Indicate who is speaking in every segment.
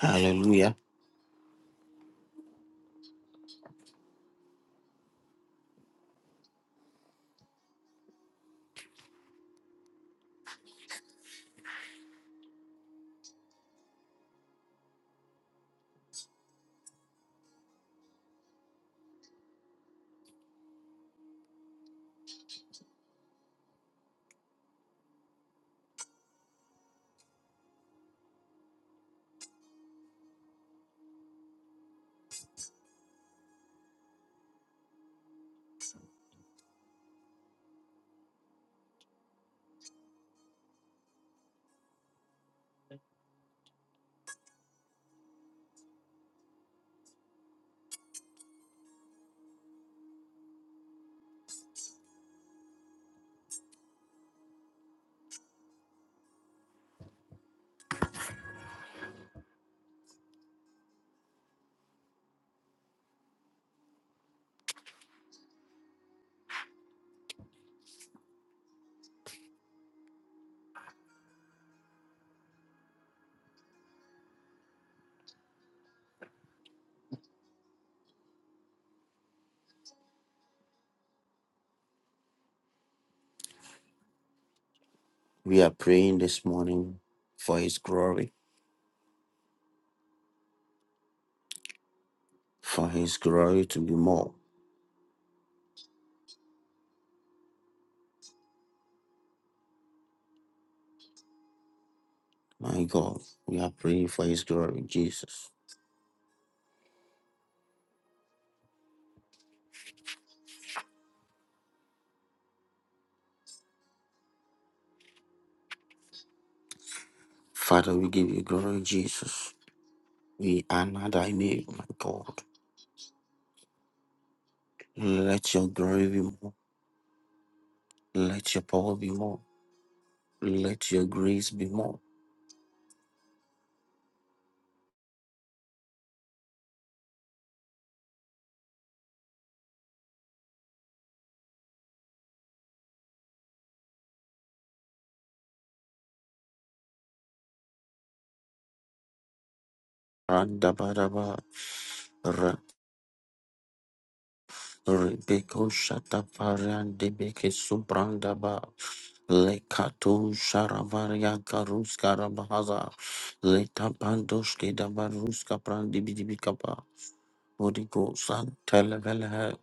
Speaker 1: Hallelujah. We are praying this morning for His glory, for His glory to be more. My God, we are praying for His glory, Jesus. Father, we give you glory, Jesus. We honor thy name, my God. Let your glory be more. Let your power be more. Let your grace be more. Randabadaba, Rebeko Shatafaran Debeke Subrandaba Lekato Sharavaria Karus Karabahaza Letapandos Kedavaruska Prandibidibikapa Holy Ghost and Televelhe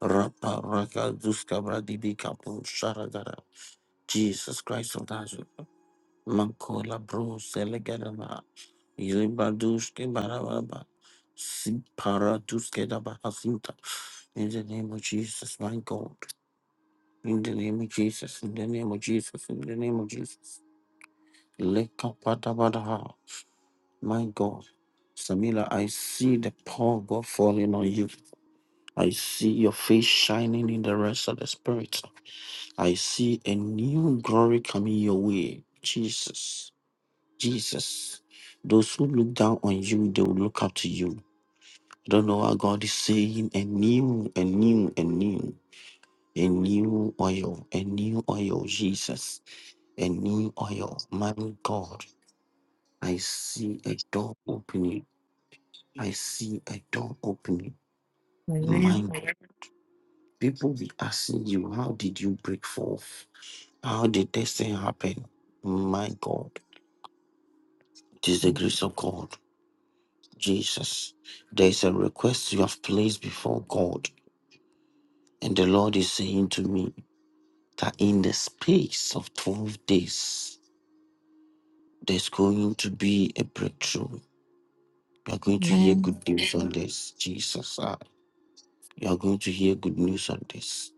Speaker 1: Rapa Raka Duska Bradibikapo Sharagara Jesus Christ of Nazareth Makola bro selegadaba. Iribadushke barababa. Siparatuske dabahasinta. In the name of Jesus, my God. In the name of Jesus, in the name of Jesus, in the name of Jesus. Lekapatabadaha. My God. Samila, I see the power of God falling on you. I see your face shining in the rest of the spirit. I see a new glory coming your way. Jesus. Jesus. Those who look down on you, they will look up to you. I don't know what God is saying. A new, a new, a new, a new oil, a new oil, Jesus, a new oil. My God, I see a door opening. I see a door opening. My
Speaker 2: Amen.
Speaker 1: God, people be asking you, how did you break forth? How did this thing happen? My God, it is the grace of God. Jesus, there is a request you have placed before God, and the Lord is saying to me that in the space of 12 days, there's going to be a breakthrough. You are going to hear
Speaker 2: Amen.
Speaker 1: good news on this, Jesus. ah. you are going to hear good news on this.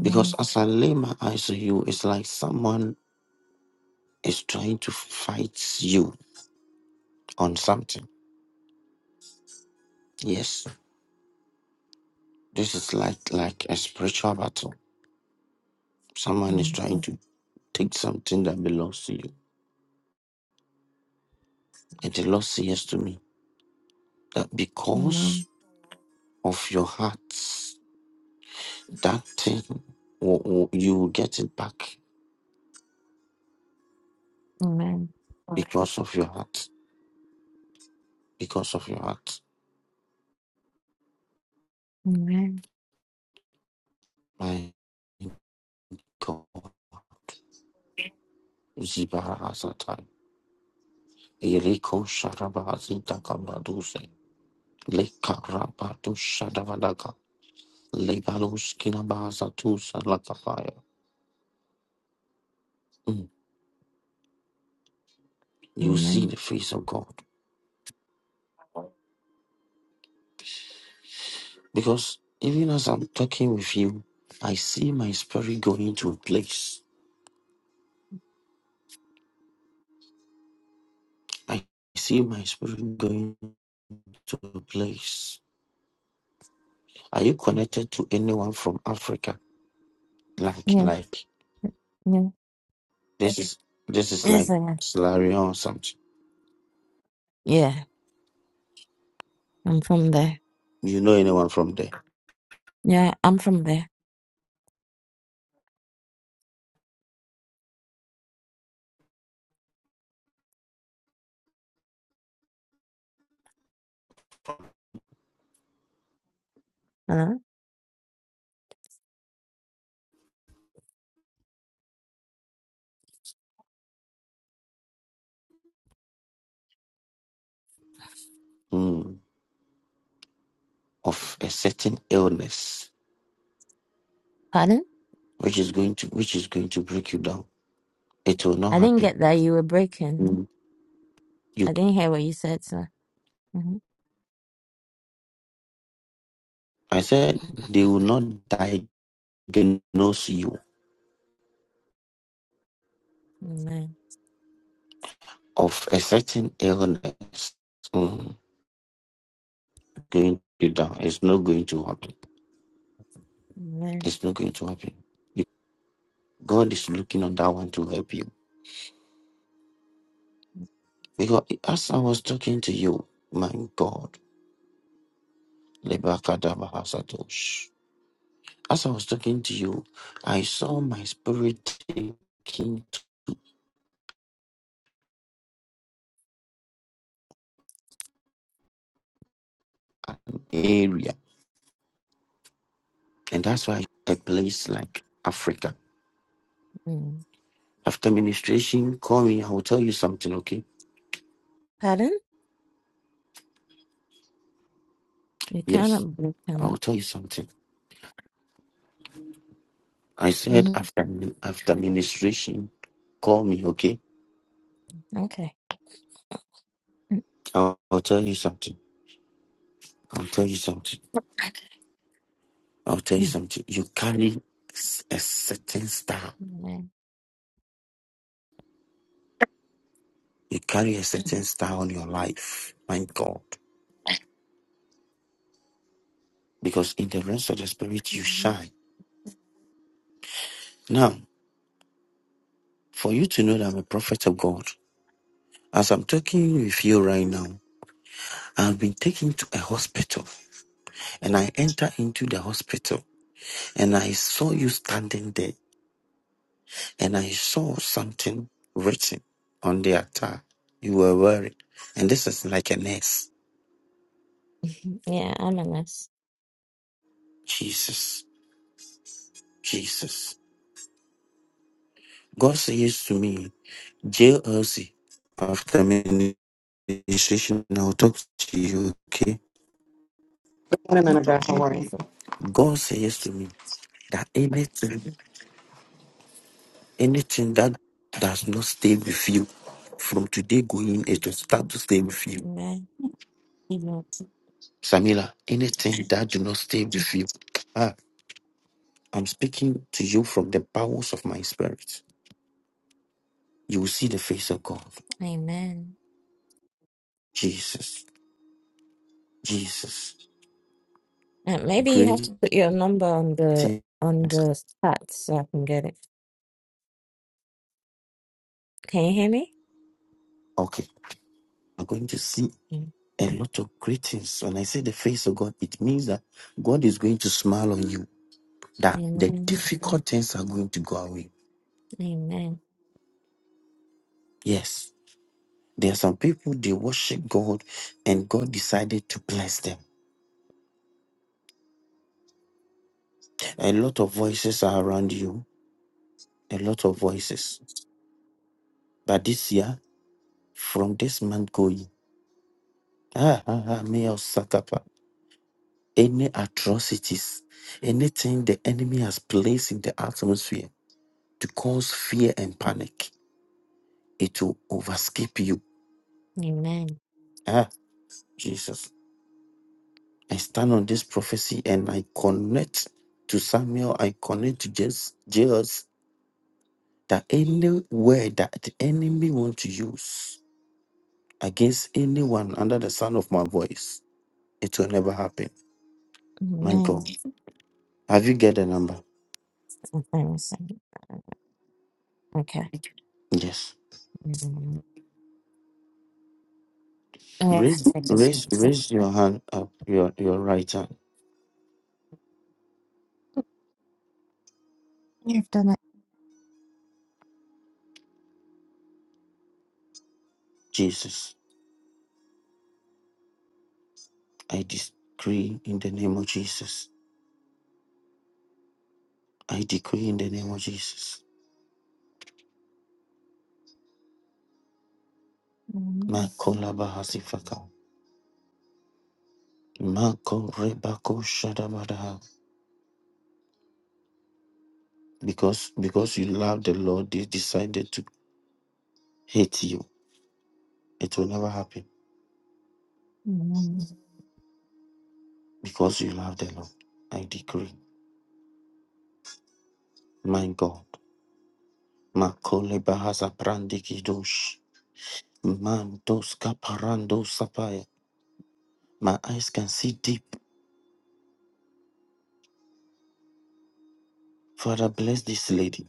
Speaker 1: Because as I lay my eyes on you, it's like someone is trying to fight you on something. Yes, this is like like a spiritual battle. Someone is
Speaker 2: Amen.
Speaker 1: trying to take something that belongs to you And the Lord says to me that because
Speaker 2: Amen.
Speaker 1: of your heart, that thing will, will- you will get it back
Speaker 2: Amen.
Speaker 1: because of your heart. Because of your heart.
Speaker 2: Amen.
Speaker 1: My God. Zibarahazatan. Eriko sharabahazintakabaduse. Lekarabatu shadavadaka. Lebalos kinabahazatu salakafaya. Mm. You see the
Speaker 2: Amen.
Speaker 1: face of God. Because even as I'm talking with you, I see my spirit going to a place. I see my spirit going to a place. Are you connected to anyone from Africa? Like,
Speaker 2: Yeah.
Speaker 1: like
Speaker 2: Yeah.
Speaker 1: this is this is
Speaker 2: Yes,
Speaker 1: like
Speaker 2: I am.
Speaker 1: Solarion or something.
Speaker 2: Yeah. I'm from there.
Speaker 1: You know anyone from there?
Speaker 2: Yeah, I'm from there. Hello?
Speaker 1: Hmm. Of a certain illness,
Speaker 2: Pardon?
Speaker 1: which is going to which is going to break you down. It will not
Speaker 2: I didn't
Speaker 1: happen.
Speaker 2: get that. You were breaking.
Speaker 1: Hmm. You,
Speaker 2: I didn't hear what you said, sir. Mm-hmm.
Speaker 1: I said, they will not diagnose you
Speaker 2: Amen.
Speaker 1: of a certain illness mm, going to down. It's not going to happen.
Speaker 2: Amen.
Speaker 1: It's not going to happen. Be- God is looking on that one to help you. Because as I was talking to you, my God, Lebakadabahasatosh. as I was talking to you, I saw my spirit taking to an area. And that's why a place like Africa.
Speaker 2: Mm.
Speaker 1: After ministration, call me. I will tell you something, okay?
Speaker 2: Pardon? You
Speaker 1: Yes,
Speaker 2: cannot break
Speaker 1: I
Speaker 2: them
Speaker 1: will
Speaker 2: up.
Speaker 1: tell you something. I said
Speaker 2: Mm-hmm.
Speaker 1: after after ministration, call me, okay?
Speaker 2: Okay.
Speaker 1: I'll, I'll tell you something. I'll tell you something. I'll tell you
Speaker 2: Mm.
Speaker 1: something. You carry s- a certain star.
Speaker 2: Amen.
Speaker 1: You carry a certain star on your life. My God. Because in the realms of the spirit, you
Speaker 2: Mhm.
Speaker 1: shine. Now, for you to know that I'm a prophet of God, as I'm talking with you right now, I've been taken to a hospital and I enter into the hospital and I saw you standing there and I saw something written on the attire you were wearing. And this is like an S.
Speaker 2: Yeah, I'm a mess.
Speaker 1: Jesus, Jesus. God says to me, JLC, after ministration, I'll talk to you, okay?
Speaker 3: Morning, man of God. How are you?
Speaker 1: God says to me that anything, anything that does not stay with you, from today going, it will start to stay with you.
Speaker 2: Amen.
Speaker 1: Samila, anything that do not stay with you. ah, I'm speaking to you from the bowels of my spirit. You will see the face of God.
Speaker 2: Amen.
Speaker 1: Jesus, Jesus,
Speaker 2: Uh, maybe you have to
Speaker 1: great
Speaker 2: put your number on the
Speaker 1: things.
Speaker 2: on the chat so I can get it. Can you hear me?
Speaker 1: Okay, I'm going to see
Speaker 2: Mm.
Speaker 1: a lot of great things. When I say the face of God, it means that God is going to smile on you, that the
Speaker 2: Amen.
Speaker 1: difficult things are going to go away.
Speaker 2: Amen.
Speaker 1: Yes. There are some people they worship God and God decided to bless them. A lot of voices are around you, a lot of voices. But this year, from this month going, Ah, ah, ah, Meo Sakapa. Any atrocities, anything the enemy has placed in the atmosphere to cause fear and panic, it will overscape you.
Speaker 2: Amen.
Speaker 1: Ah, Jesus. I stand on this prophecy and I connect to Samuel, I connect to Jesus, Jesus that any word that the enemy want to use against anyone under the sound of my voice, it will never happen. My
Speaker 2: Amen.
Speaker 1: God. Have you get the number?
Speaker 2: Amen. Okay.
Speaker 1: Yes.
Speaker 2: Mm. I have
Speaker 1: Raise,
Speaker 2: to take this
Speaker 1: raise,
Speaker 2: concept.
Speaker 1: raise your hand up, your, your right hand.
Speaker 2: You've done it.
Speaker 1: Jesus, I decree in the name of Jesus. I decree in the name of Jesus.
Speaker 2: Amen.
Speaker 1: Makola bahasifaka. Mako rebako shadabadaha. Because because you love the Lord, they decided to hate you. It will never happen.
Speaker 2: Amen.
Speaker 1: Because you love the Lord. I decree. My God. Makole bahasa brandikidosh. Mandos kaparando sapaya. My eyes can see deep. Father, bless this lady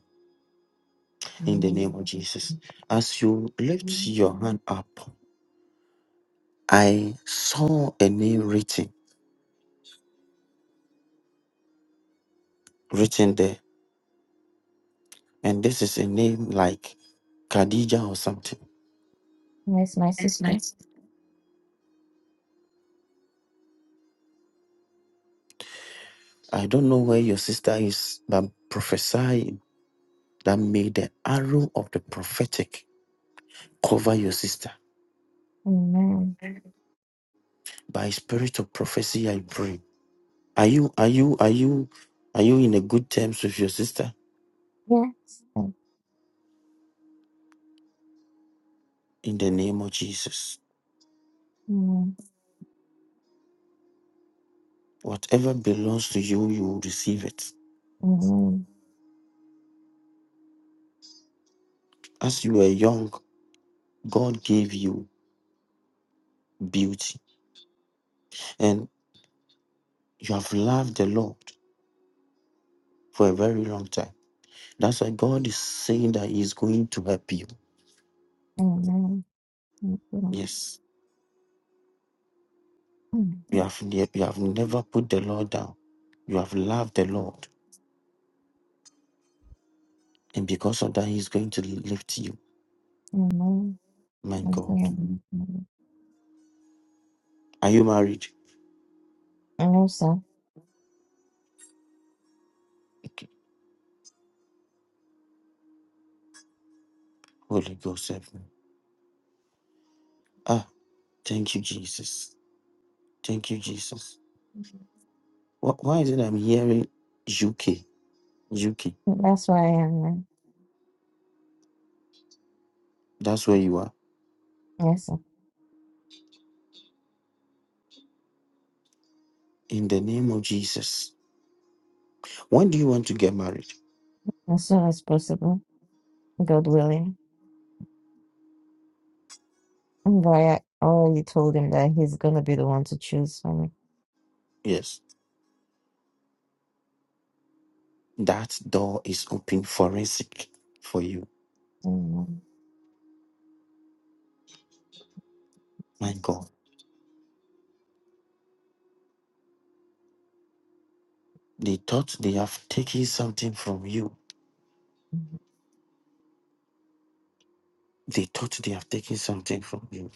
Speaker 1: in the
Speaker 2: Amen.
Speaker 1: name of Jesus. As you lift
Speaker 2: Amen.
Speaker 1: your hand up, I saw a name written, written there. And this is a name like Khadija or something.
Speaker 2: Where's my
Speaker 1: That's
Speaker 2: sister?
Speaker 1: nice. I don't know where your sister is, but prophesy that may the arrow of the prophetic cover your sister.
Speaker 2: Amen.
Speaker 1: By spirit of prophecy, I pray. Are you are you are you are you in a good terms with your sister?
Speaker 2: Yes.
Speaker 1: In the name of Jesus.
Speaker 2: Amen.
Speaker 1: Whatever belongs to you, you will receive it.
Speaker 2: Amen.
Speaker 1: As you were young, God gave you beauty, and you have loved the Lord for a very long time. That's why God is saying that He is going to help you.
Speaker 2: Amen. Amen. Amen.
Speaker 1: Yes, you have ne- you have never put the Lord down. You have loved the Lord, and because of that, He's going to lift you.
Speaker 2: Amen.
Speaker 1: My God,
Speaker 2: Amen. Amen.
Speaker 1: are you married?
Speaker 2: Thank you, Lord.
Speaker 1: Okay. Holy Ghost, help me. Ah, thank you, Jesus. Thank you, Jesus. Wh- Why is it I'm hearing UK? UK.
Speaker 2: That's why I am.
Speaker 1: That's where you are.
Speaker 2: Yes,
Speaker 1: In the name of Jesus. When do you want to get married?
Speaker 2: as soon as possible, God willing. But I already told him that he's gonna be the one to choose for me.
Speaker 1: Yes. That door is open forensic for you.
Speaker 2: Amen.
Speaker 1: My God. They thought they have taken something from you. They thought they have taken something from you.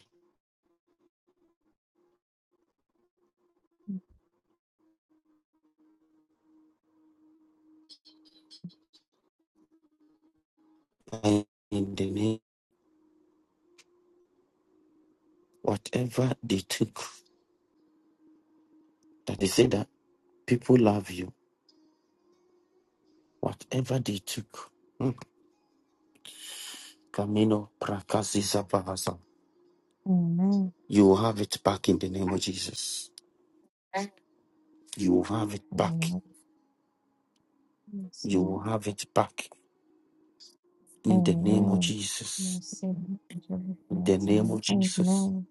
Speaker 1: And in the name, whatever they took, that they say that people love you. Whatever they took, hmm, Camino Prakasisa Bahasa,
Speaker 2: Amen.
Speaker 1: you will have it back in the name of Jesus. You will have it back.
Speaker 2: Amen. Yes,
Speaker 1: You
Speaker 2: um,
Speaker 1: will have it back In the name of
Speaker 2: Amen.
Speaker 1: Jesus.
Speaker 2: Yes, um, Jehovah
Speaker 1: In the
Speaker 2: Christ,
Speaker 1: name of
Speaker 2: Amen.
Speaker 1: Jesus.
Speaker 2: Amen.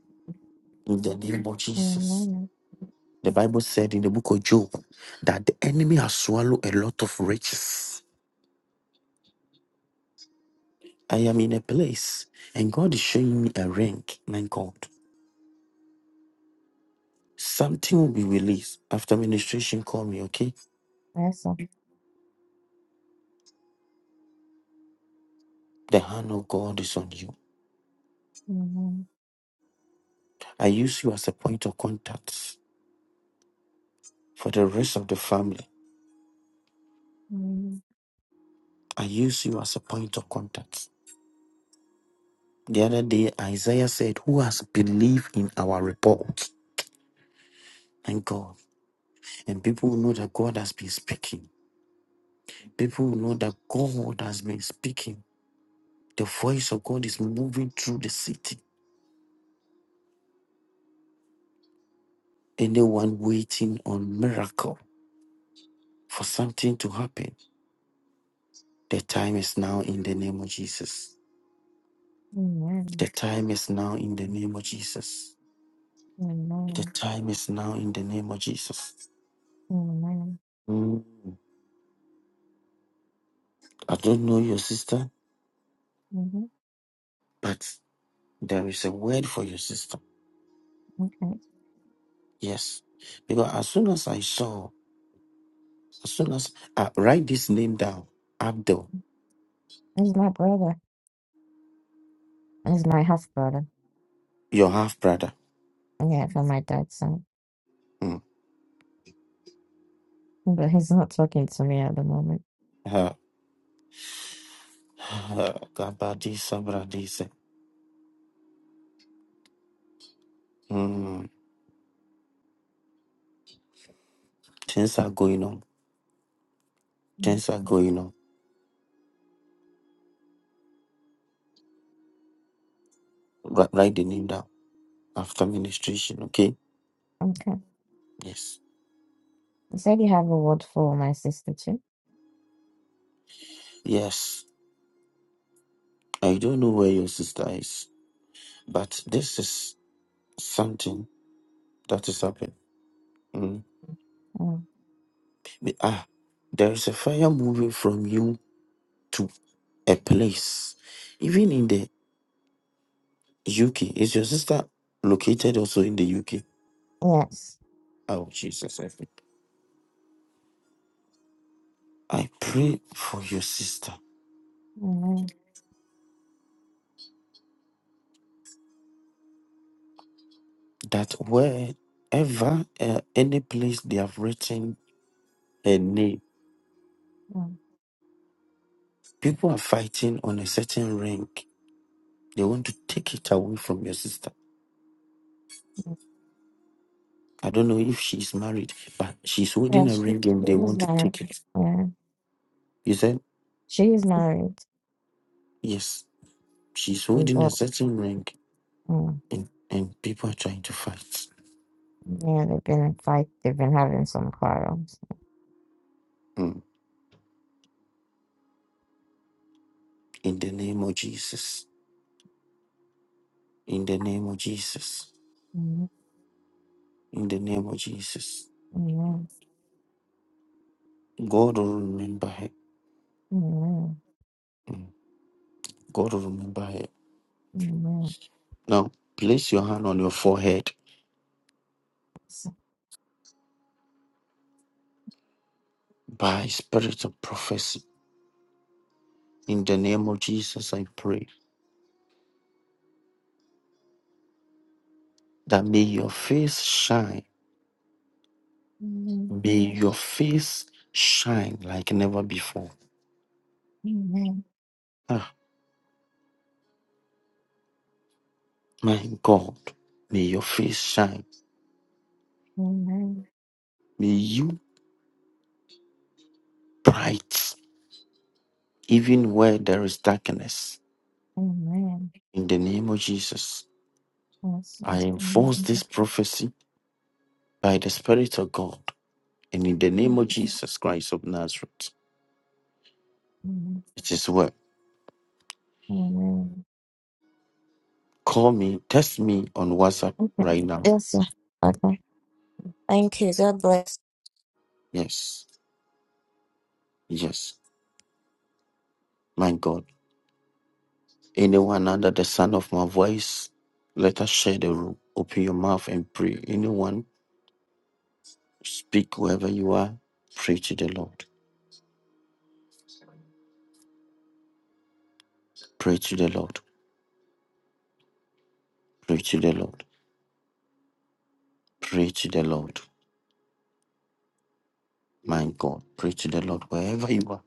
Speaker 1: In the name of Jesus.
Speaker 2: Amen.
Speaker 1: The Bible said in the book of Job that the enemy has swallowed a lot of riches. I am in a place and God is showing me a ring. My God. Something will be released after ministration. Call me, okay?
Speaker 2: Yes, um,
Speaker 1: The hand of God is on you.
Speaker 2: Amen.
Speaker 1: I use you as a point of contact for the rest of the family.
Speaker 2: Amen.
Speaker 1: I use you as a point of contact. The other day, Isaiah said, Who has believed in our report? and God. And people will know that God has been speaking. People will know that God has been speaking. The voice of God is moving through the city. Anyone waiting on miracle for something to happen, the time is now in the name of Jesus.
Speaker 2: Amen.
Speaker 1: The time is now in the name of Jesus. The
Speaker 2: Amen.
Speaker 1: time is now in the name of Jesus.
Speaker 2: Amen.
Speaker 1: Mm, I don't know your sister,
Speaker 2: Mhm.
Speaker 1: but there is a word for your sister.
Speaker 2: Okay.
Speaker 1: Yes. Because as soon as I saw As soon as uh, write this name down, Abdul,
Speaker 2: He's my brother. He's my half brother.
Speaker 1: your half brother.
Speaker 2: Yeah, from my dad's side.
Speaker 1: Mm.
Speaker 2: But he's not talking to me at the moment.
Speaker 1: Uh, uh, Kabadi Sabradise. Mm. Things are going on.
Speaker 2: Mm,
Speaker 1: Things are going on. Wri- write the name down after ministration, okay?
Speaker 2: Okay.
Speaker 1: Yes.
Speaker 2: You said you have a word for my sister too?
Speaker 1: Yes. I don't know where your sister is, but this is something that is happening. Mm.
Speaker 2: Oh,
Speaker 1: Be- Ah, there is a fire moving from you to a place, even in the UK. Is your sister located also in the UK?
Speaker 2: yes.
Speaker 1: Oh, Jesus. I think. I pray for your sister
Speaker 2: Mm,
Speaker 1: that wherever, uh, any place they have written her name,
Speaker 2: mm,
Speaker 1: people are fighting on a certain rank. They want to take it away from your sister.
Speaker 2: mm.
Speaker 1: I don't know if she's married, but she's
Speaker 2: Yeah,
Speaker 1: holding a
Speaker 2: she,
Speaker 1: ring and
Speaker 2: she
Speaker 1: they
Speaker 2: is
Speaker 1: want to
Speaker 2: married.
Speaker 1: take it.
Speaker 2: Yeah,
Speaker 1: You said,
Speaker 2: she is married.
Speaker 1: yes, she's
Speaker 2: And,
Speaker 1: holding a
Speaker 2: uh,
Speaker 1: certain ring
Speaker 2: mm,
Speaker 1: and, and people are trying to fight.
Speaker 2: yeah, they've been in fight. They've been having some quarrels.
Speaker 1: Mm. In the name of Jesus. In the name of Jesus.
Speaker 2: Mm,
Speaker 1: in the name of Jesus.
Speaker 2: mm,
Speaker 1: God will remember her.
Speaker 2: mm,
Speaker 1: Mm. God will remember her.
Speaker 2: mm,
Speaker 1: Now, place your hand on your forehead
Speaker 2: so-
Speaker 1: by spirit of prophecy. In the name of Jesus, I pray that may your face shine.
Speaker 2: mm,
Speaker 1: May your face shine like never before.
Speaker 2: Amen.
Speaker 1: Ah, my God, may your face shine.
Speaker 2: Amen.
Speaker 1: May you bright even where there is darkness.
Speaker 2: Amen.
Speaker 1: In the name of Jesus,
Speaker 2: Yes,
Speaker 1: I
Speaker 2: mm,
Speaker 1: enforce this
Speaker 2: mm,
Speaker 1: prophecy by the Spirit of God And in the name
Speaker 2: mm,
Speaker 1: of Jesus Christ of Nazareth,
Speaker 2: mm,
Speaker 1: it is well.
Speaker 2: mm.
Speaker 1: Call me, text me on WhatsApp
Speaker 2: Okay.
Speaker 1: right now.
Speaker 2: Yes, sir. Okay. Thank you. God bless.
Speaker 1: Yes, yes, my God. Anyone under the sound of my voice, let us share the room. Open your mouth and pray. Anyone, speak wherever you are. Pray to the Lord. Pray to the Lord. Pray to the Lord. Pray to the Lord. My God. Pray to the Lord wherever you are.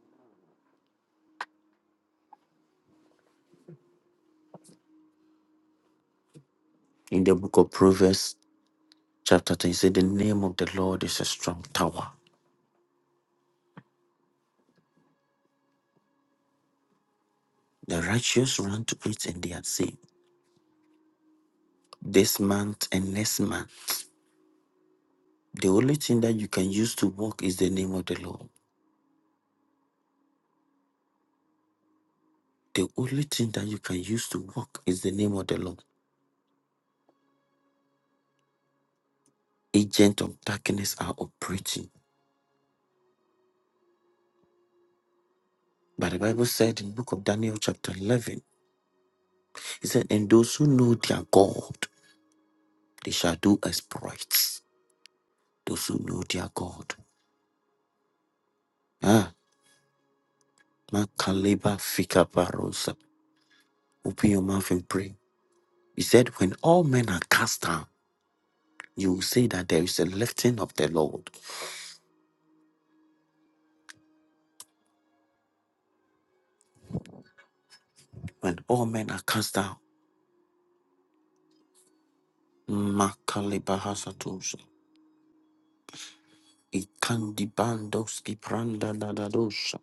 Speaker 1: In the book of Proverbs, chapter 10, it says, The name of the Lord is a strong tower. The righteous run to it and they are saved. This month and next month, the only thing that you can use to walk is the name of the Lord. The only thing that you can use to walk is the name of the Lord. Agents of darkness are operating. But the Bible said in the book of Daniel chapter 11, it said, And those who know their God, they shall do exploits. Those who know their God. Ah, Makaleba Fikaparosa. Open your mouth and pray. He said, When all men are cast down, you will say that there is a lifting of the Lord when all men are cast down. Makalibahasatosha, Ikandibandoski prandadadadosha,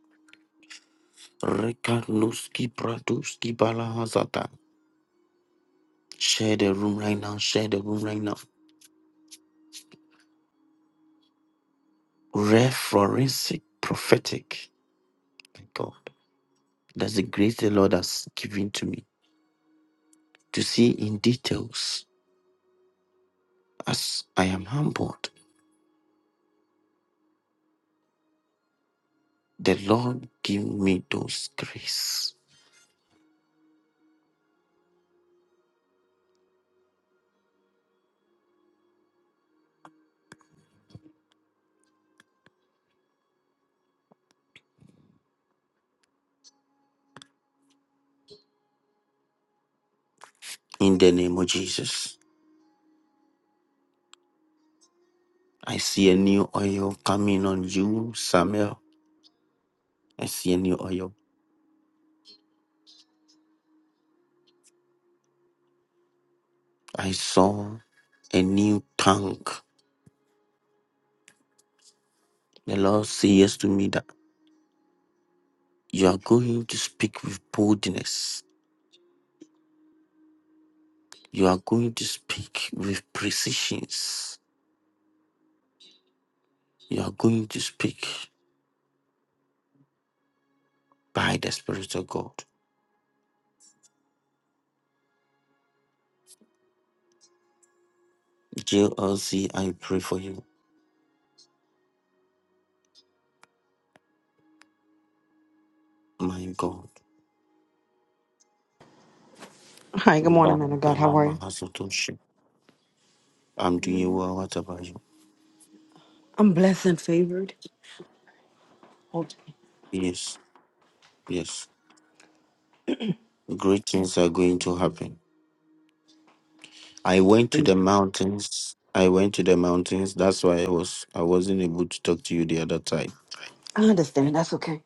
Speaker 1: Rekanoski pradoski balahazata. Share the room right now. Share the room right now. Rare forensic prophetic. My God, that's the grace the Lord has given to me to see in details as I am humbled. The Lord give me those grace in the name of Jesus. I see a new oil coming on you, Samuel. I see a new oil. I saw a new tongue. The Lord says yes to me that you are going to speak with boldness. You are going to speak with precisions. You are going to speak by the Spirit of God. JLC, I pray for you, my God.
Speaker 3: Hi, good morning, man of God. How are you?
Speaker 1: Ba-ga-la-ba-ha-so-to-shi. I'm doing well. What about you?
Speaker 3: I'm blessed and favored. Okay.
Speaker 1: Yes, yes. Great things are going to happen I went to the mountains. I went to the mountains. That's why I was I wasn't able to talk to you the other time.
Speaker 3: I understand. That's okay.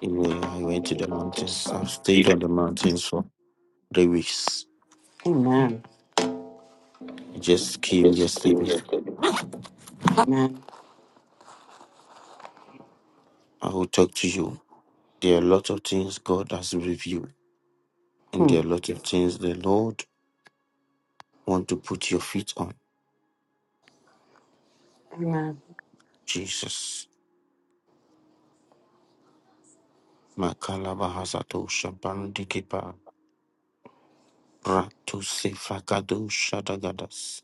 Speaker 1: Yeah, I went to the mountains. I've stayed on the mountains for three weeks.
Speaker 3: Amen.
Speaker 1: I just came yesterday.
Speaker 3: Amen.
Speaker 1: I will talk to you. There are a lot of things God has revealed, and
Speaker 3: Hmm.
Speaker 1: there are a lot of things the Lord want to put your feet on.
Speaker 3: Amen.
Speaker 1: Jesus. Makalaba hasato shabandikipa ratu sefakado shadagadas.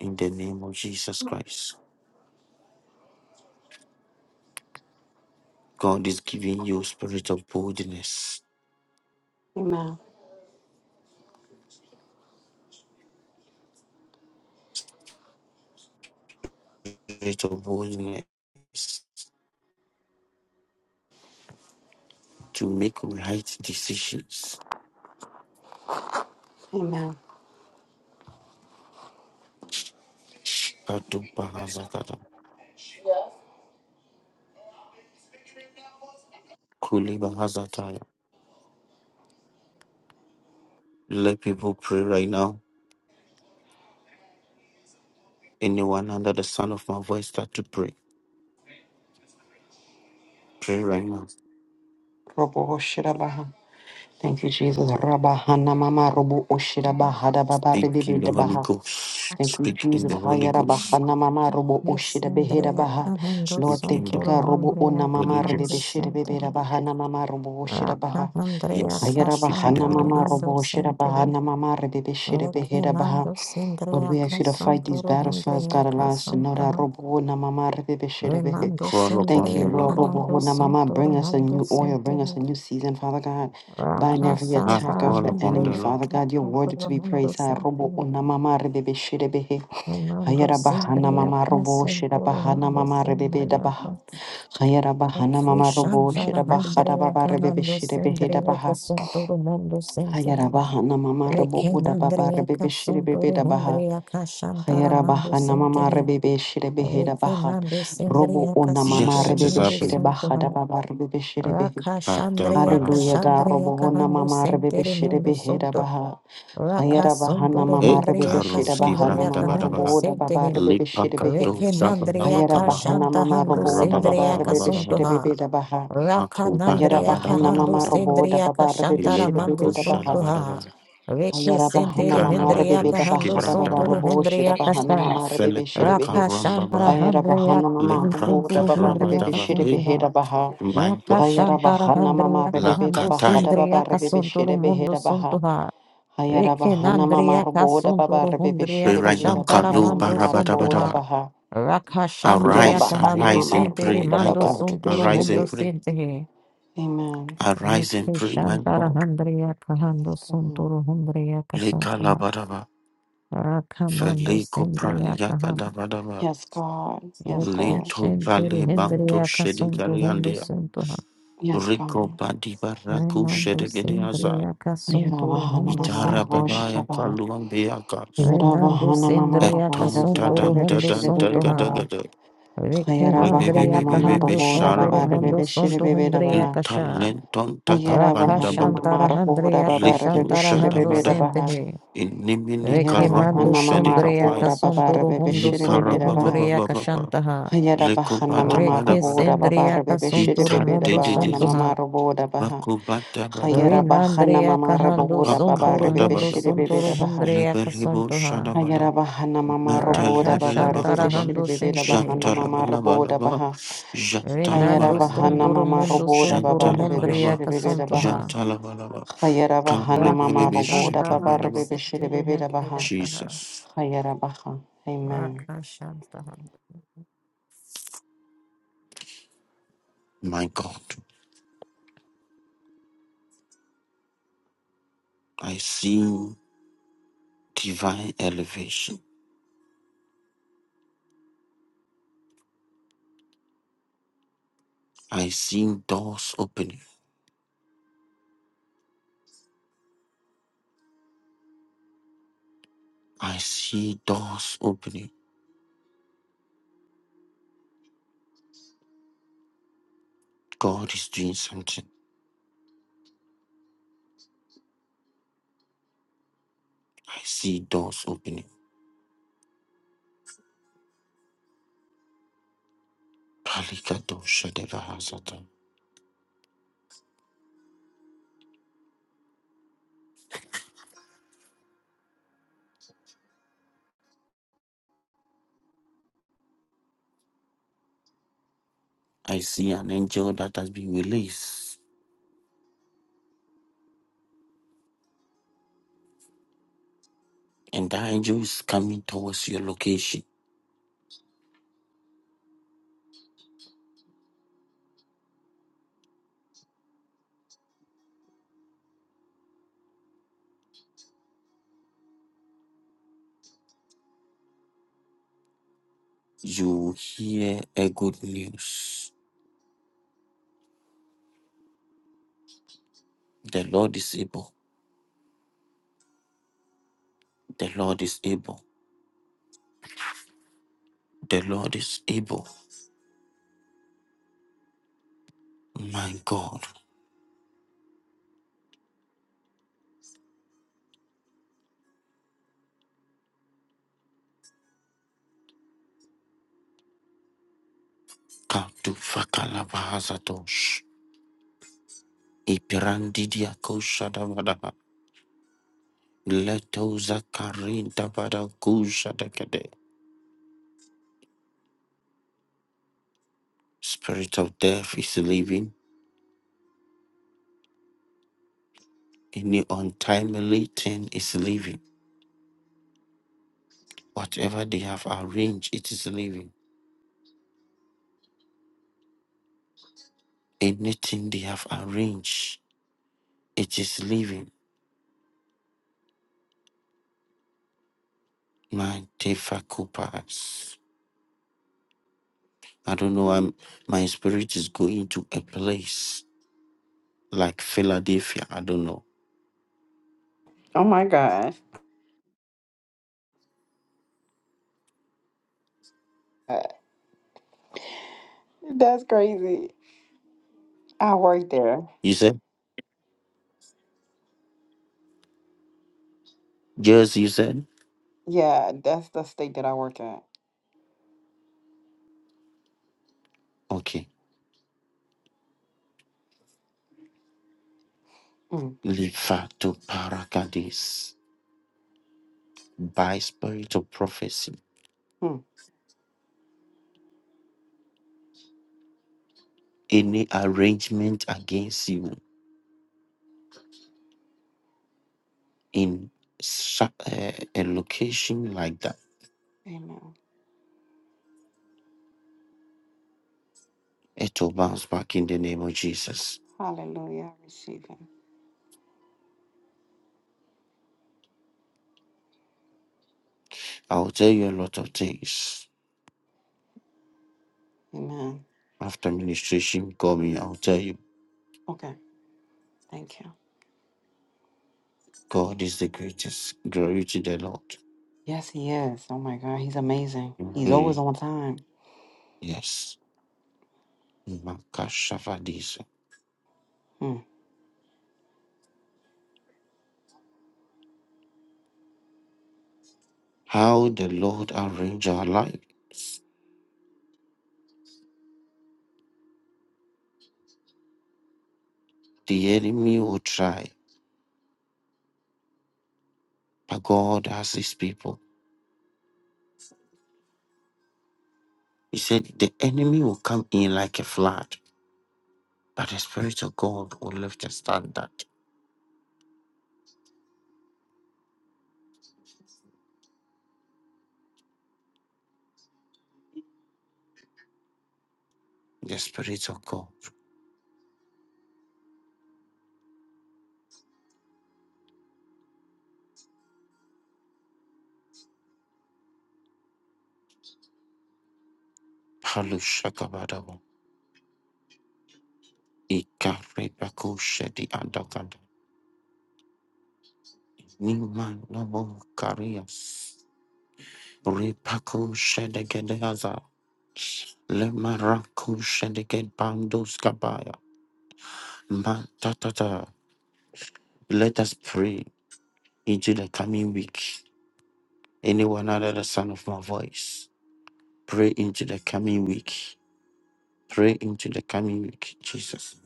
Speaker 1: In the name of Jesus Christ. God is giving you spirit of boldness,
Speaker 3: Amen.
Speaker 1: spirit of boldness to make right decisions.
Speaker 3: Amen.
Speaker 1: Katubahazakata, kulibahazataya. Let people pray right now. Anyone under the sound of my voice start to pray. Pray right now.
Speaker 3: Robo Shirabaha. Thank you, Jesus. Rabahana mama robo oshira bahada baba
Speaker 1: Speak
Speaker 3: ribibi
Speaker 1: in the
Speaker 3: de
Speaker 1: Holy
Speaker 3: baha.
Speaker 1: Ghost.
Speaker 3: Thank you,
Speaker 1: Speak in
Speaker 3: Jesus.
Speaker 1: the Holy
Speaker 3: Hayara
Speaker 1: Ghost.
Speaker 3: bahana mama robo oshira behera
Speaker 2: Andrea
Speaker 3: baha.
Speaker 1: Speak
Speaker 3: Lord,
Speaker 1: in
Speaker 3: thank you,
Speaker 1: the
Speaker 3: God. Robo ona
Speaker 1: Holy
Speaker 3: mama ribibi
Speaker 1: Ghost.
Speaker 3: shira bebera bahana mama robo oshira baha.
Speaker 1: Yes,
Speaker 3: Hayara
Speaker 1: speak with the
Speaker 3: bahana
Speaker 1: Holy
Speaker 2: Casantoro
Speaker 3: mama
Speaker 1: Ghost.
Speaker 2: Hando
Speaker 3: robo oshira
Speaker 2: Centery,
Speaker 3: bahana mama ribibi shira behera baha.
Speaker 2: Remando
Speaker 3: Lord,
Speaker 2: Sindrea
Speaker 3: we ask you to fight these
Speaker 2: Casantoro
Speaker 3: battles for us.
Speaker 2: Andrea
Speaker 3: God, allow us to know that.
Speaker 2: Casantoro,
Speaker 3: Robo wo na mama rebe be
Speaker 2: Remando
Speaker 1: Call
Speaker 3: Thank
Speaker 1: upon
Speaker 3: you,
Speaker 1: the
Speaker 2: Sindrea
Speaker 3: Lord.
Speaker 1: Lord.
Speaker 3: Robo
Speaker 2: Hando
Speaker 3: wo na mama. Bring
Speaker 2: Santoro
Speaker 3: us a
Speaker 2: Hando
Speaker 3: new oil. Bring us a
Speaker 2: Centery,
Speaker 3: new season, Father God. Bind every
Speaker 1: Ah,
Speaker 3: attack
Speaker 2: Racasantara
Speaker 3: of
Speaker 1: call
Speaker 3: the
Speaker 1: upon
Speaker 3: enemy,
Speaker 1: the
Speaker 2: Hando
Speaker 1: Lord.
Speaker 3: Father God. You're worthy
Speaker 2: Santoro
Speaker 3: to be praised. Ah,
Speaker 2: Hando
Speaker 3: Robo wo na mama rebe be
Speaker 2: Amando
Speaker 3: Hayara bahana
Speaker 2: Sindria,
Speaker 3: mama robo shira
Speaker 2: Nascentoro
Speaker 3: bahana
Speaker 2: Mundo
Speaker 3: mama rebe da
Speaker 2: Sindria,
Speaker 3: bah. Hayara bahana mama robo
Speaker 2: Shantara
Speaker 3: shira bahara
Speaker 2: Andrea,
Speaker 3: baba rebe be
Speaker 2: Canando
Speaker 3: da
Speaker 2: Sindria,
Speaker 3: bah.
Speaker 2: Casantoro Mundo
Speaker 3: Hayara
Speaker 2: Sintili,
Speaker 3: bahana mama robo
Speaker 2: Rekin
Speaker 3: uda baba
Speaker 2: Andrea,
Speaker 3: rebe be
Speaker 2: Casantoro
Speaker 3: da bah.
Speaker 2: Andrea, Cashantara
Speaker 3: Hayera
Speaker 2: Mando
Speaker 3: baha namama
Speaker 2: Sintili,
Speaker 3: rebebe shire behera baha.
Speaker 2: Rekinando
Speaker 3: Robo
Speaker 2: Sindria,
Speaker 3: ona mama
Speaker 1: Yes,
Speaker 2: Casantoro
Speaker 1: it is
Speaker 3: rebebe
Speaker 2: Mundo
Speaker 3: shire
Speaker 1: happening.
Speaker 2: Santo,
Speaker 3: baha da baba rebebe shire behe.
Speaker 2: Rakashandrea,
Speaker 1: Kadabahasa.
Speaker 3: Hallelujah, God.
Speaker 2: Cashandrea,
Speaker 3: Robo ona
Speaker 2: Cahando
Speaker 3: mama rebebe
Speaker 2: Sintiri
Speaker 3: shire
Speaker 2: Mundo
Speaker 3: behera
Speaker 2: Santo,
Speaker 3: baha. Hayera baha
Speaker 2: Rakasantoro
Speaker 1: E
Speaker 3: namama rebebe
Speaker 2: Andrea,
Speaker 3: shire
Speaker 1: karoski
Speaker 3: baha
Speaker 2: Casandria,
Speaker 1: branda
Speaker 3: namama
Speaker 2: Cahando
Speaker 1: badaba
Speaker 3: robo da baba
Speaker 2: Sintili,
Speaker 3: rebebe shire
Speaker 1: lipakato
Speaker 3: behe.
Speaker 2: Reke mandria
Speaker 3: Hayera
Speaker 1: sabalabakaba
Speaker 3: baha
Speaker 2: kashanta
Speaker 3: namama
Speaker 2: hando
Speaker 3: robo da baba
Speaker 2: sendria
Speaker 3: rebebe shire
Speaker 1: rabababababababa
Speaker 3: bebe
Speaker 2: kasuntuha.
Speaker 3: da baha.
Speaker 2: Raka
Speaker 1: makuba
Speaker 3: Hayera
Speaker 2: nandria
Speaker 3: baha
Speaker 2: kahando
Speaker 3: namama
Speaker 1: dabadabadabadaba
Speaker 3: robo da
Speaker 2: sendria
Speaker 3: baba rebebe
Speaker 2: kashantara
Speaker 3: shire bebe
Speaker 2: mando
Speaker 1: ilipako
Speaker 3: da baha.
Speaker 1: shalabadaba
Speaker 2: suntuha. Reke
Speaker 3: Ayara bahana
Speaker 2: sendere
Speaker 3: mama
Speaker 2: hendria
Speaker 3: rebebe da
Speaker 1: ikalabatush
Speaker 2: kahando
Speaker 3: bahada baba
Speaker 2: sunturu
Speaker 1: kibrandabada
Speaker 3: robo shida
Speaker 2: hendria
Speaker 3: bahana
Speaker 2: kasa.
Speaker 3: mama rebebe shida
Speaker 1: felipe
Speaker 3: behe.
Speaker 2: Raka shantara
Speaker 1: karambaba
Speaker 3: Ayara
Speaker 2: hendria
Speaker 3: bahana mama
Speaker 1: lepra
Speaker 3: robo da
Speaker 2: sunturu
Speaker 3: baba
Speaker 2: hendria
Speaker 3: rebebe
Speaker 1: karabadaba
Speaker 3: shida
Speaker 1: e
Speaker 3: behe
Speaker 2: kasuntuha.
Speaker 3: da baha.
Speaker 1: my
Speaker 2: Raka
Speaker 1: God
Speaker 3: Ayara
Speaker 2: shantara
Speaker 3: bahana mama
Speaker 2: hendria
Speaker 1: la
Speaker 3: rebebe da
Speaker 2: kahando
Speaker 1: kataya
Speaker 3: bahada
Speaker 2: sendria
Speaker 3: baba rebebe
Speaker 2: kasunturu
Speaker 3: shida behe
Speaker 2: mundo
Speaker 3: da baha.
Speaker 2: suntuha.
Speaker 3: Ayara bahana mama
Speaker 2: Rekenandriaka
Speaker 3: robo da baba
Speaker 2: sunduru
Speaker 3: rebebe
Speaker 1: pray
Speaker 3: shida
Speaker 2: hundriaka
Speaker 1: right
Speaker 3: behe
Speaker 1: now
Speaker 3: da
Speaker 2: shantara
Speaker 3: bahana
Speaker 1: kalu
Speaker 2: mando
Speaker 3: mama robo da
Speaker 2: sunduha.
Speaker 1: barabadabadaba
Speaker 3: baha. Ayara
Speaker 1: arise
Speaker 2: Rakashandriaka
Speaker 3: bahana
Speaker 2: hando
Speaker 1: arise
Speaker 3: mama
Speaker 1: and
Speaker 2: sintiri
Speaker 1: pray
Speaker 3: robo da
Speaker 1: my
Speaker 2: mando
Speaker 3: baba
Speaker 1: God
Speaker 3: rebebe
Speaker 2: sunduru
Speaker 3: shida
Speaker 1: arise
Speaker 2: hundo
Speaker 1: and
Speaker 3: behe.
Speaker 1: pray
Speaker 2: sintihi.
Speaker 3: Amen.
Speaker 1: arise and
Speaker 2: Reke
Speaker 1: pray my
Speaker 2: shantara
Speaker 1: God
Speaker 2: handriaka hando
Speaker 3: Yes, God.
Speaker 2: sunduru hundriaka
Speaker 1: Lika
Speaker 2: sunduha.
Speaker 1: labadaba,
Speaker 2: Rakamando
Speaker 1: Feliko
Speaker 2: sindriaka
Speaker 1: pranyaka
Speaker 2: ham.
Speaker 1: dabadaba,
Speaker 3: Yes, God. Yes,
Speaker 2: Reke
Speaker 3: God.
Speaker 1: Lento
Speaker 2: shantiri
Speaker 1: pali banto
Speaker 2: hindriaka sundu hundo
Speaker 1: shedigariandia,
Speaker 2: sunduha.
Speaker 3: Yes,
Speaker 1: Rico
Speaker 3: God.
Speaker 1: badibaraku
Speaker 2: Remando
Speaker 1: shedigariaza,
Speaker 2: sindriaka
Speaker 3: Hayara
Speaker 2: sunduru
Speaker 3: bahana
Speaker 2: hundo
Speaker 3: mama
Speaker 1: Itara
Speaker 2: sintihi.
Speaker 1: babaya
Speaker 3: raboda baba
Speaker 1: paluambiaka,
Speaker 2: Renando sindriaka
Speaker 1: Eton
Speaker 2: sunduru
Speaker 1: tadan
Speaker 2: hundo
Speaker 1: tadan
Speaker 2: sunduha.
Speaker 1: tagadagada,
Speaker 2: Rekinandria
Speaker 1: Rebebebebebe
Speaker 2: kahando sontoro
Speaker 1: sharamanama,
Speaker 2: mundo sonto hundriya kasha.
Speaker 1: Intalenton takapandabada,
Speaker 2: Rakashantara handria
Speaker 1: Lipo
Speaker 2: kashantara hando
Speaker 1: shadamada,
Speaker 2: sentehe.
Speaker 1: Inimini
Speaker 2: Rekimando
Speaker 1: karamo
Speaker 2: sondria
Speaker 1: shedigapaya,
Speaker 2: kasontoro
Speaker 3: rebebe
Speaker 2: hundo
Speaker 3: shiri bebe
Speaker 2: sonto
Speaker 3: da
Speaker 2: hundria
Speaker 1: Liparababababa,
Speaker 2: kashantaha.
Speaker 1: Lekobata bada
Speaker 2: Reke
Speaker 1: bada ba.
Speaker 2: sendria mundu
Speaker 1: Itante
Speaker 2: mundo
Speaker 1: de de de. de.
Speaker 2: sontoha.
Speaker 1: Rakobata bada ba.
Speaker 2: Renandria kahando
Speaker 1: Apaka
Speaker 2: sontoro
Speaker 1: bada
Speaker 2: mundo
Speaker 1: bada ba.
Speaker 2: sontoro
Speaker 3: baha.
Speaker 2: hundria
Speaker 1: Lebe lebo shada
Speaker 2: kasontoha.
Speaker 3: Hayara
Speaker 1: bada.
Speaker 3: bahana mama
Speaker 1: metal
Speaker 3: roboda
Speaker 1: lebe
Speaker 3: baba
Speaker 1: leba
Speaker 3: rebebe
Speaker 2: Rakashantara
Speaker 1: kaba.
Speaker 2: hando
Speaker 3: shiribebe la
Speaker 2: sentehe.
Speaker 3: bahana
Speaker 1: Jantala
Speaker 3: mama
Speaker 1: bala bala
Speaker 3: roboda
Speaker 1: ba.
Speaker 3: baha.
Speaker 1: Jantala
Speaker 3: Hayara
Speaker 1: bala
Speaker 2: Renando
Speaker 1: bala
Speaker 3: bahana
Speaker 1: ba.
Speaker 2: sondoro
Speaker 3: mama
Speaker 2: mundo
Speaker 3: roboda baba
Speaker 2: sondoro
Speaker 1: Jantala
Speaker 3: rebebe
Speaker 1: bala ba.
Speaker 2: hondria
Speaker 3: shiribebe la baha.
Speaker 2: casontoha.
Speaker 1: Jantala bala ba.
Speaker 3: Hayara
Speaker 1: Kamre
Speaker 3: bahana
Speaker 1: bebe
Speaker 3: mama
Speaker 1: be
Speaker 3: roboda
Speaker 2: Rakashanta
Speaker 1: shaka
Speaker 3: baba
Speaker 1: bada ba.
Speaker 3: rebebe
Speaker 2: mesente de
Speaker 3: shiribebe la
Speaker 2: hendria
Speaker 3: baha.
Speaker 2: kaha.
Speaker 1: Jesus,
Speaker 3: Hayara baha. Amen.
Speaker 2: Rakashantaha.
Speaker 1: my God, I see divine elevation. I see doors opening. I see doors opening. God is doing something. I see doors opening. Palikato Shadevahasata. I see an angel that has been released, and that angel is coming towards your location. You hear a good news. The Lord is able. The Lord is able. The Lord is able. My God. Katu Fakalabahasatosh. Ipirandidia Letoza karinda bada dekade. Spirit of death is leaving. Any untimely thing is leaving. Whatever they have arranged, it is leaving. Anything they have arranged, it is leaving. My tefakupas. I don't know. I'm, my spirit is going to a place like Philadelphia. I don't know.
Speaker 3: Oh my God. Uh, That's crazy. I work there.
Speaker 1: You said? Yes, you said?
Speaker 3: Yeah, that's the state that I work at.
Speaker 1: Okay.
Speaker 3: Mm.
Speaker 1: Lifa to parakadis by spirit of prophecy.
Speaker 3: Mm.
Speaker 1: any arrangement against you in su- uh, a location like that,
Speaker 3: Amen.
Speaker 1: it will bounce back in the name of Jesus.
Speaker 3: Hallelujah. I receive it.
Speaker 1: I'll tell you a lot of things.
Speaker 3: Amen.
Speaker 1: After ministration, call me. I'll tell you,
Speaker 3: Okay. Thank you.
Speaker 1: God is the greatest. Glory to the Lord.
Speaker 3: Yes, he is. Oh my God, he's amazing. He's always
Speaker 1: Glory.
Speaker 3: on time.
Speaker 1: Yes. Makashavadisa.
Speaker 3: Hmm.
Speaker 1: How the Lord arrange our lives. The enemy will try, but God has his people. He said, The enemy will come in like a flood That the Spirit of God will lift a standard. The Spirit of God. Halushakabadabo. Ikaribakushedi andakanda. Niman nobo karias. Ripakushedegedeaza. Lemarakushedegebandoskabaya. Matatata. Let us pray into the coming week. Anyone under the sound of my voice, pray into the coming week. Pray into the coming week, Jesus.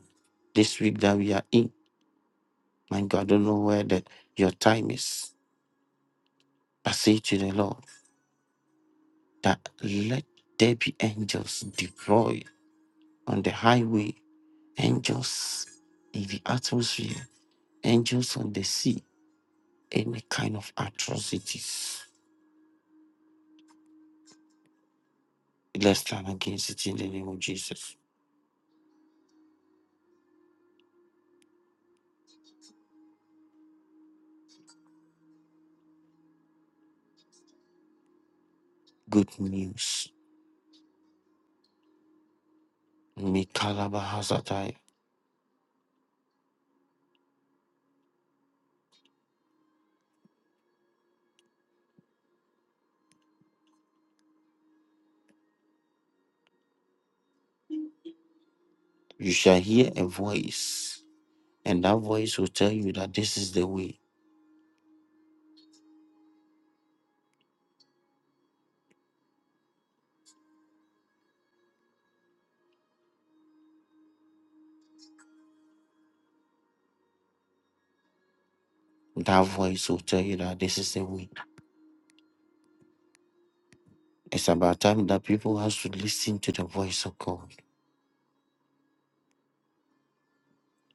Speaker 1: This week that we are in. My God, I don't know where that your time is. I say to the Lord that let there be angels deployed on the highway, angels in the atmosphere, angels on the sea, any kind of atrocities. Let's stand against it in the name of Jesus. Good news. Mikalaba Hazatai. You shall hear a voice, and that voice will tell you that this is the way. That voice will tell you that this is the way It's about time that people has to listen to the voice of God.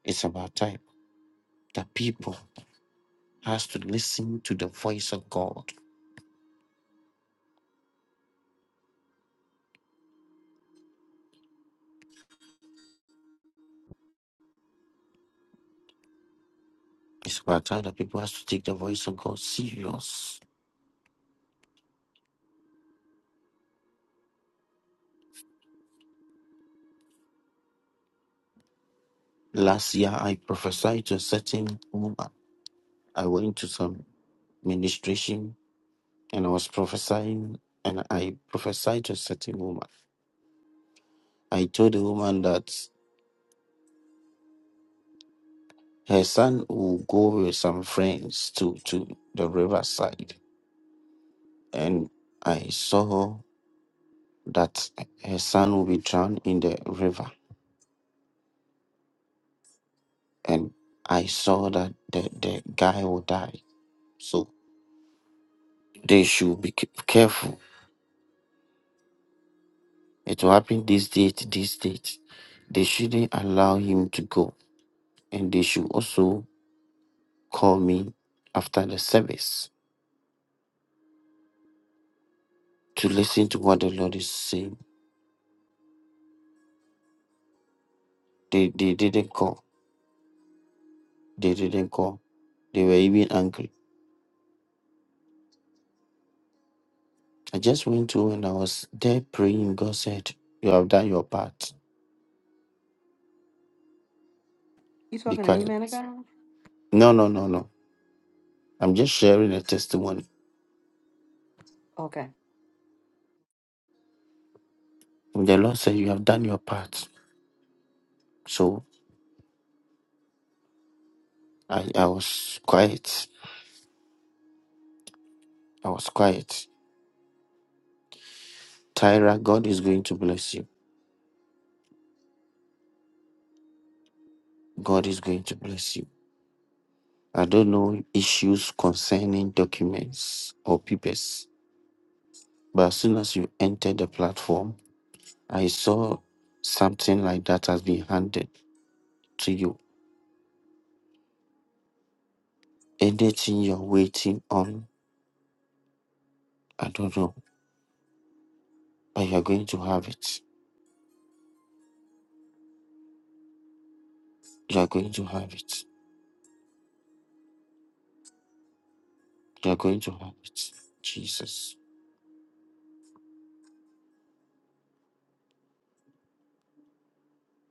Speaker 1: It's about time that people has to listen to the voice of God. It's about time that people has to take the voice of God serious. Last year, I prophesied to a certain woman. I went to some ministration and I was prophesying, and I prophesied to a certain woman. I told the woman that her son will go with some friends to to the riverside, and I saw. that his son will be drowned in the river. And I saw that the, the guy will die. So they should be c- careful. It will happen this date, this date. They shouldn't allow him to go. And they should also call me after the service to listen to what the Lord is saying. They, they didn't call. They didn't call. They were even angry. I just went to and I was there praying. God said, You have done your part.
Speaker 3: You
Speaker 1: Be
Speaker 3: talking to me,
Speaker 1: quiet.
Speaker 3: man of God?
Speaker 1: No, no, no, no. I'm just sharing a testimony.
Speaker 3: Okay.
Speaker 1: The Lord said, You have done your part. So I, I was quiet. I was quiet. Tyra, God is going to bless you. God is going to bless you. I don't know issues concerning documents or papers, but as soon as you enter the platform, I saw something like that has been handed to you. Anything you're waiting on, I don't know, but you're going to have it. You're going to have it. You're going to have it. Jesus.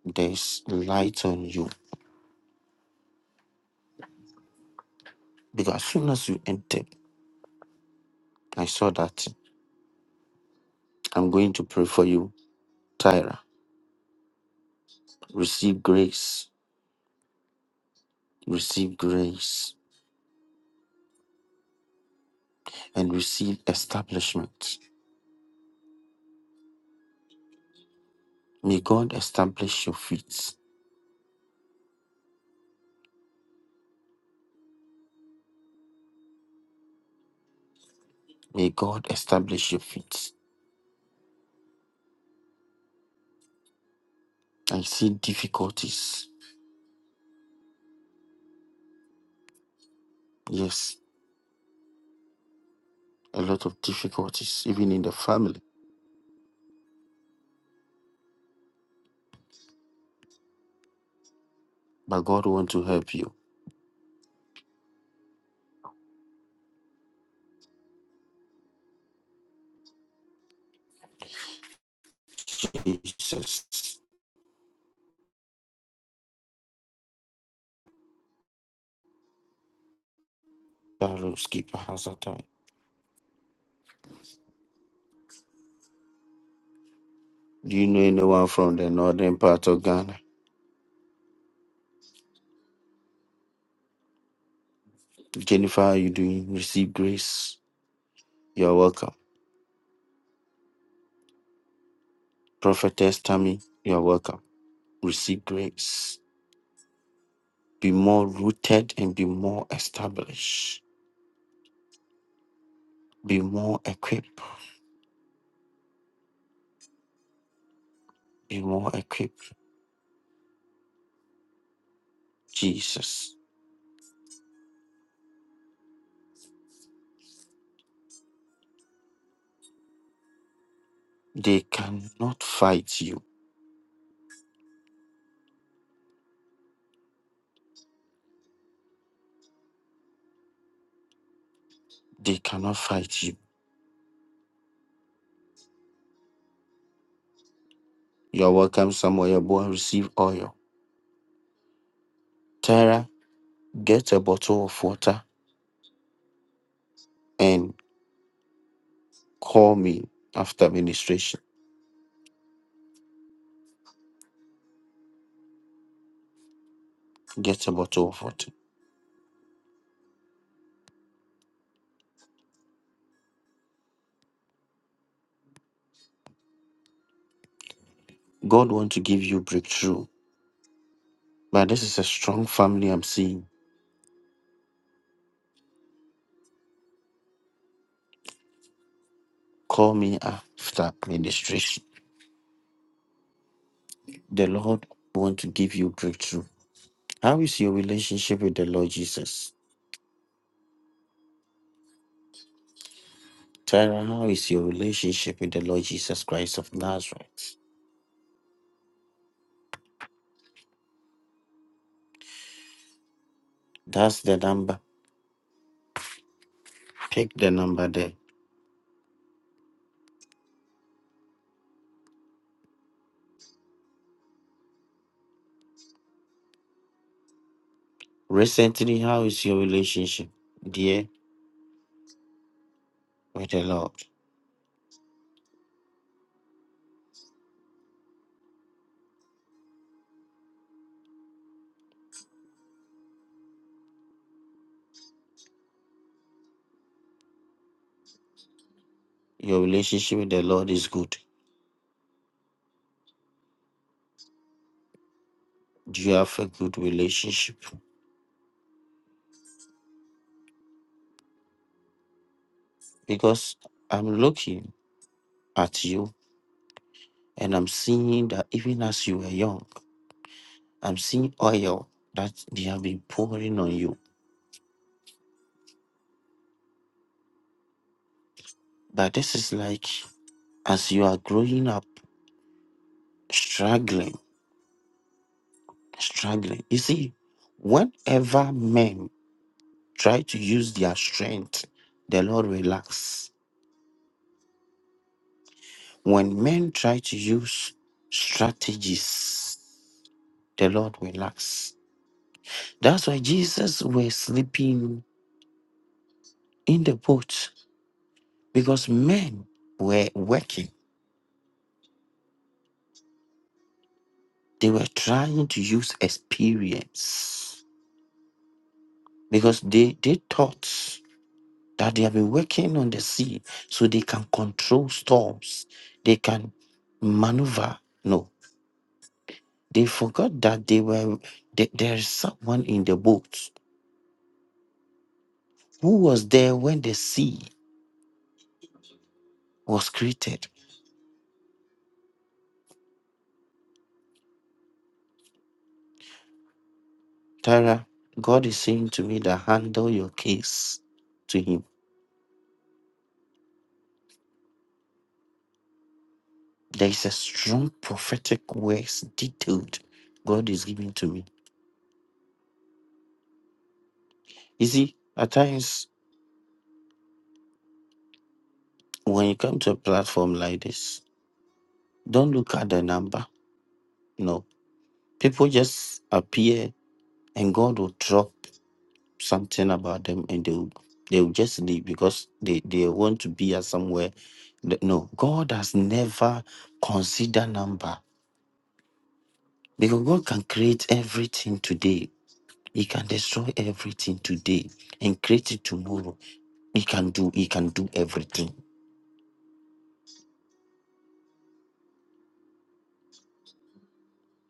Speaker 1: there's light on you. Because as soon as you entered, I saw that I'm going to pray for you, Tyra. Receive grace, receive grace, and receive establishment. May God establish your feet. May God establish your feet. I see difficulties. Yes, a lot of difficulties, even in the family. But God want to help you. Jesus. Taros Keeper has Do you know anyone from the northern part of Ghana? Jennifer, how are you doing? Receive grace. You are welcome. Prophetess Tammy, you are welcome. Receive grace. Be more rooted and be more established. Be more equipped. Be more equipped. Jesus. They cannot fight you. They cannot fight you. You are welcome, Samuel. Your Boy, receive oil. Tara, get a bottle of water and call me after ministration. Get a bottle of water. God wants to give you breakthrough. But this is a strong family I'm seeing. Call me after ministration. The Lord want to give you breakthrough. How is your relationship with the Lord Jesus? Tara? how is your relationship with the Lord Jesus Christ of Nazareth? That's the number. Pick the number there. Recently, how is your relationship, dear, with the Lord? Your relationship with the Lord is good. Do you have a good relationship? Because I'm looking at you and I'm seeing that even as you were young. I'm seeing oil that they have been pouring on you. But this is like as you are growing up, struggling, struggling. You see, whenever men try to use their strength, the Lord relax. When men try to use strategies, the Lord relax. That's why Jesus was sleeping in the boat because men were working. They were trying to use experience because they they thought that they have been working on the sea so they can control storms they can maneuver no they forgot that they were that there is someone in the boat who was there when the sea was created tara god is saying to me that handle your case to him there is a strong prophetic words detailed god is giving to me you see at times when you come to a platform like this Don't look at the number. No. People just appear and God will drop something about them and they will, they will just leave because they, they want to be at somewhere. Th- No, God has never considered number because God can create everything today. He can destroy everything today and create it tomorrow. He can do, he can do everything.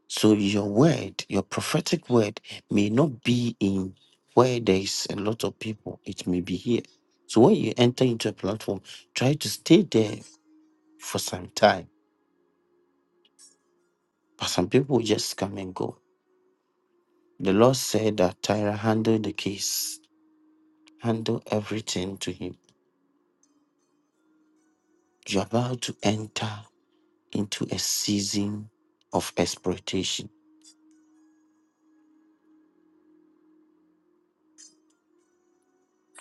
Speaker 1: So your word, your prophetic word, may not be in where there is a lot of people. It may be here. So when you enter into a platform, try to stay there for some time. But some people just come and go. The Lord said that Tyra handled the case, handle everything to him. You're about to enter into a season of exploitation.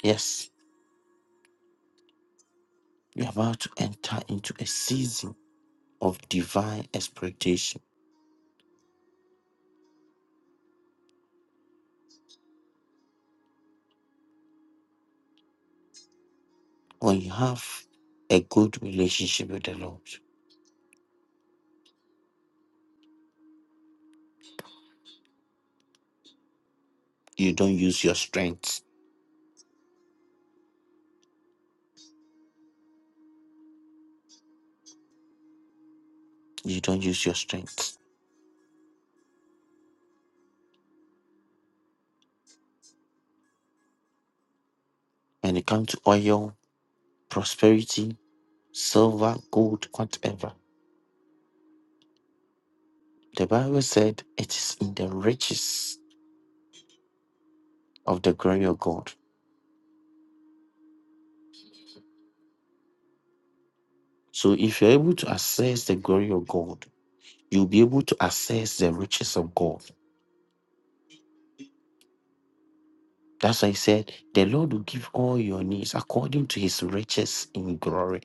Speaker 1: Yes, you're about to enter into a season of divine exploitation When you have a good relationship with the Lord, you don't use your strength. You don't use your strength. When it comes to oil, prosperity, silver, gold, whatever, the Bible said it is in the riches of the glory of God. So if you're able to access the glory of God, you'll be able to access the riches of God. That's why he said, The Lord will give all your needs according to his riches in glory.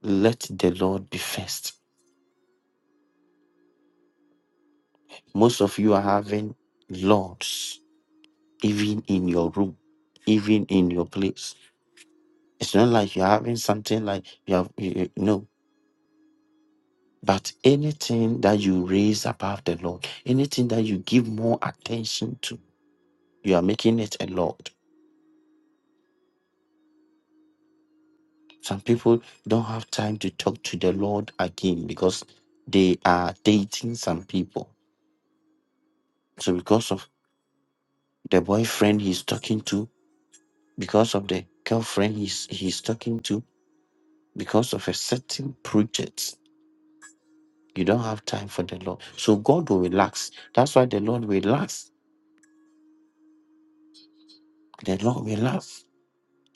Speaker 1: Let the Lord be first. Most of you are having lords, even in your room, even in your place. It's not like you're having something like you have, you, you- no. But anything that you raise above the Lord, anything that you give more attention to, you are making it a Lord. Some people don't have time to talk to the Lord again because they are dating some people. So because of the boyfriend he's talking to, because of the girlfriend he's he's talking to, because of a certain project. You don't have time for the Lord. So God will relax. That's why the Lord relaxed. The Lord relaxed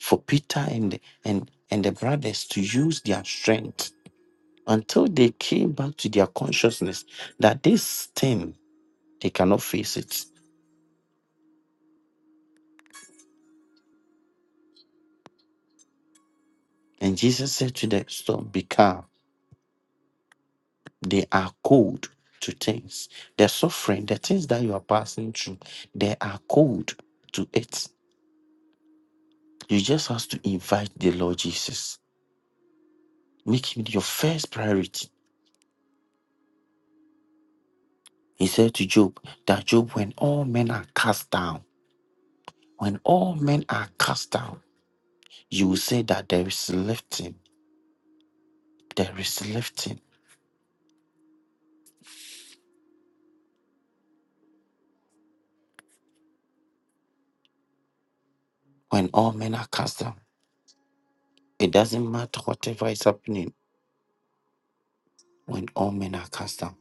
Speaker 1: for Peter and the, and, and the brothers to use their strength until they came back to their consciousness that this thing, they cannot face it. And Jesus said to the storm, Be calm. They are cold to things. The suffering, the things that you are passing through, they are cold to it. You just have to invite the Lord Jesus Make him your first priority. He said to Job that Job, when all men are cast down, when all men are cast down, you will say that there is lifting, there is lifting. When all men are cast down, it doesn't matter whatever is happening. When all men are cast down,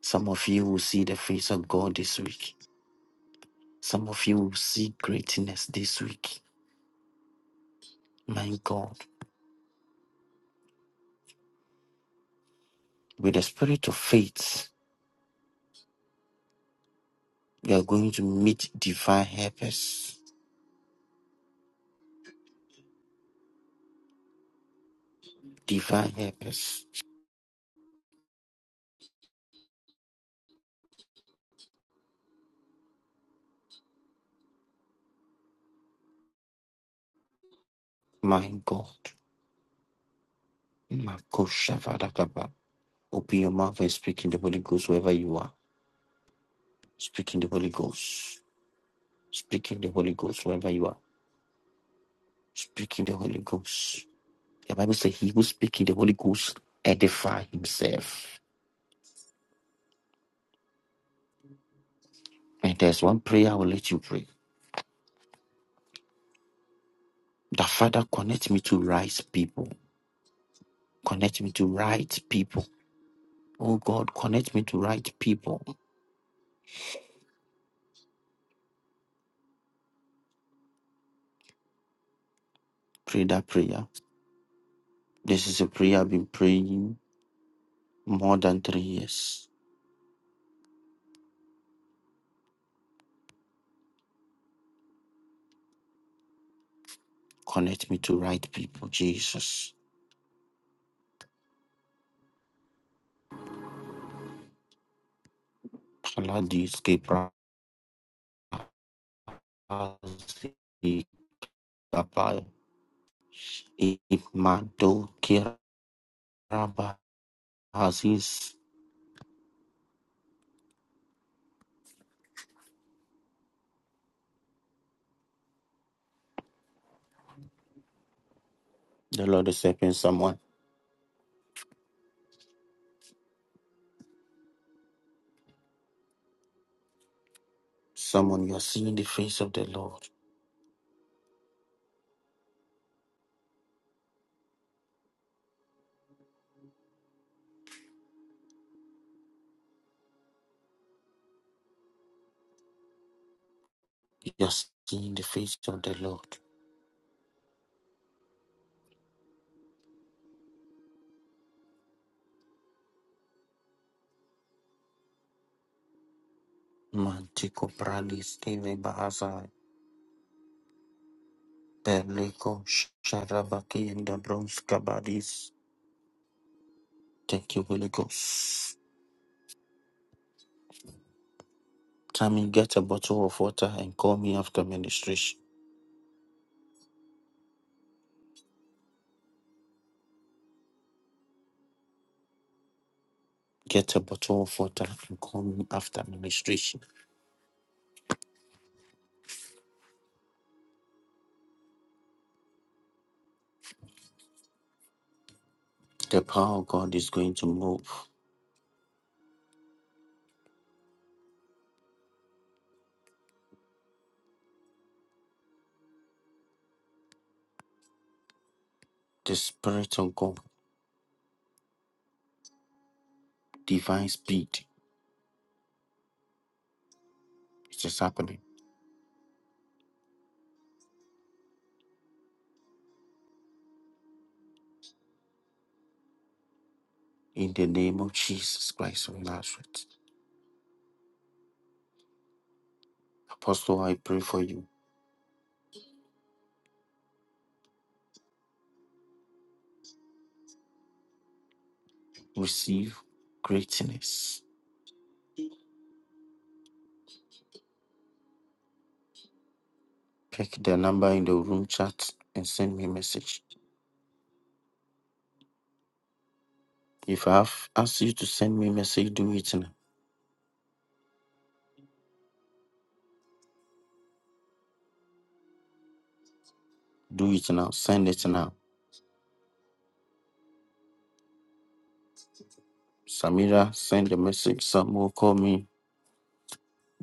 Speaker 1: some of you will see the face of God this week. Some of you will see greatness this week. My God, with the spirit of faith, you are going to meet divine helpers. Divine helpers My God. My gosh, Shavadakaba. Open your mouth and speak in the Holy Ghost wherever you are. Speak in the Holy Ghost. Speak in the Holy Ghost wherever you are. Speak in the Holy Ghost. The Bible says he will speak in the Holy Ghost, edify himself. And there's one prayer I will let you pray. The Father, connect me to right people. Connect me to right people. Oh God, connect me to right people. Pray that prayer. This is a prayer I've been praying more than three years. Connect me to right people, Jesus. Paladis Gebrazi Kapai. Imado Kiraba Aziz. The Lord is helping someone. Someone, you are seeing the face of the Lord. You are seeing the face of the Lord. Mantiko Pralis Keve Bahazai. Berliko Sharabaki and the Bronze Kabadis. Thank you, Holy Ghost. Tell get a bottle of water and call me after ministration. Get a bottle of water and come after administration. The power of God is going to move. The Spirit of God, divine speed, it is happening. In the name of Jesus Christ of Nazareth. Apostle, I pray for you. Receive greatness. Pick the number in the room chat and send me a message. If I have asked you to send me a message, do it now. Do it now. Send it now. Samira, send a message. Samuel, call me.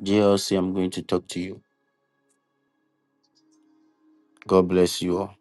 Speaker 1: JLC, I'm going to talk to you. God bless you all.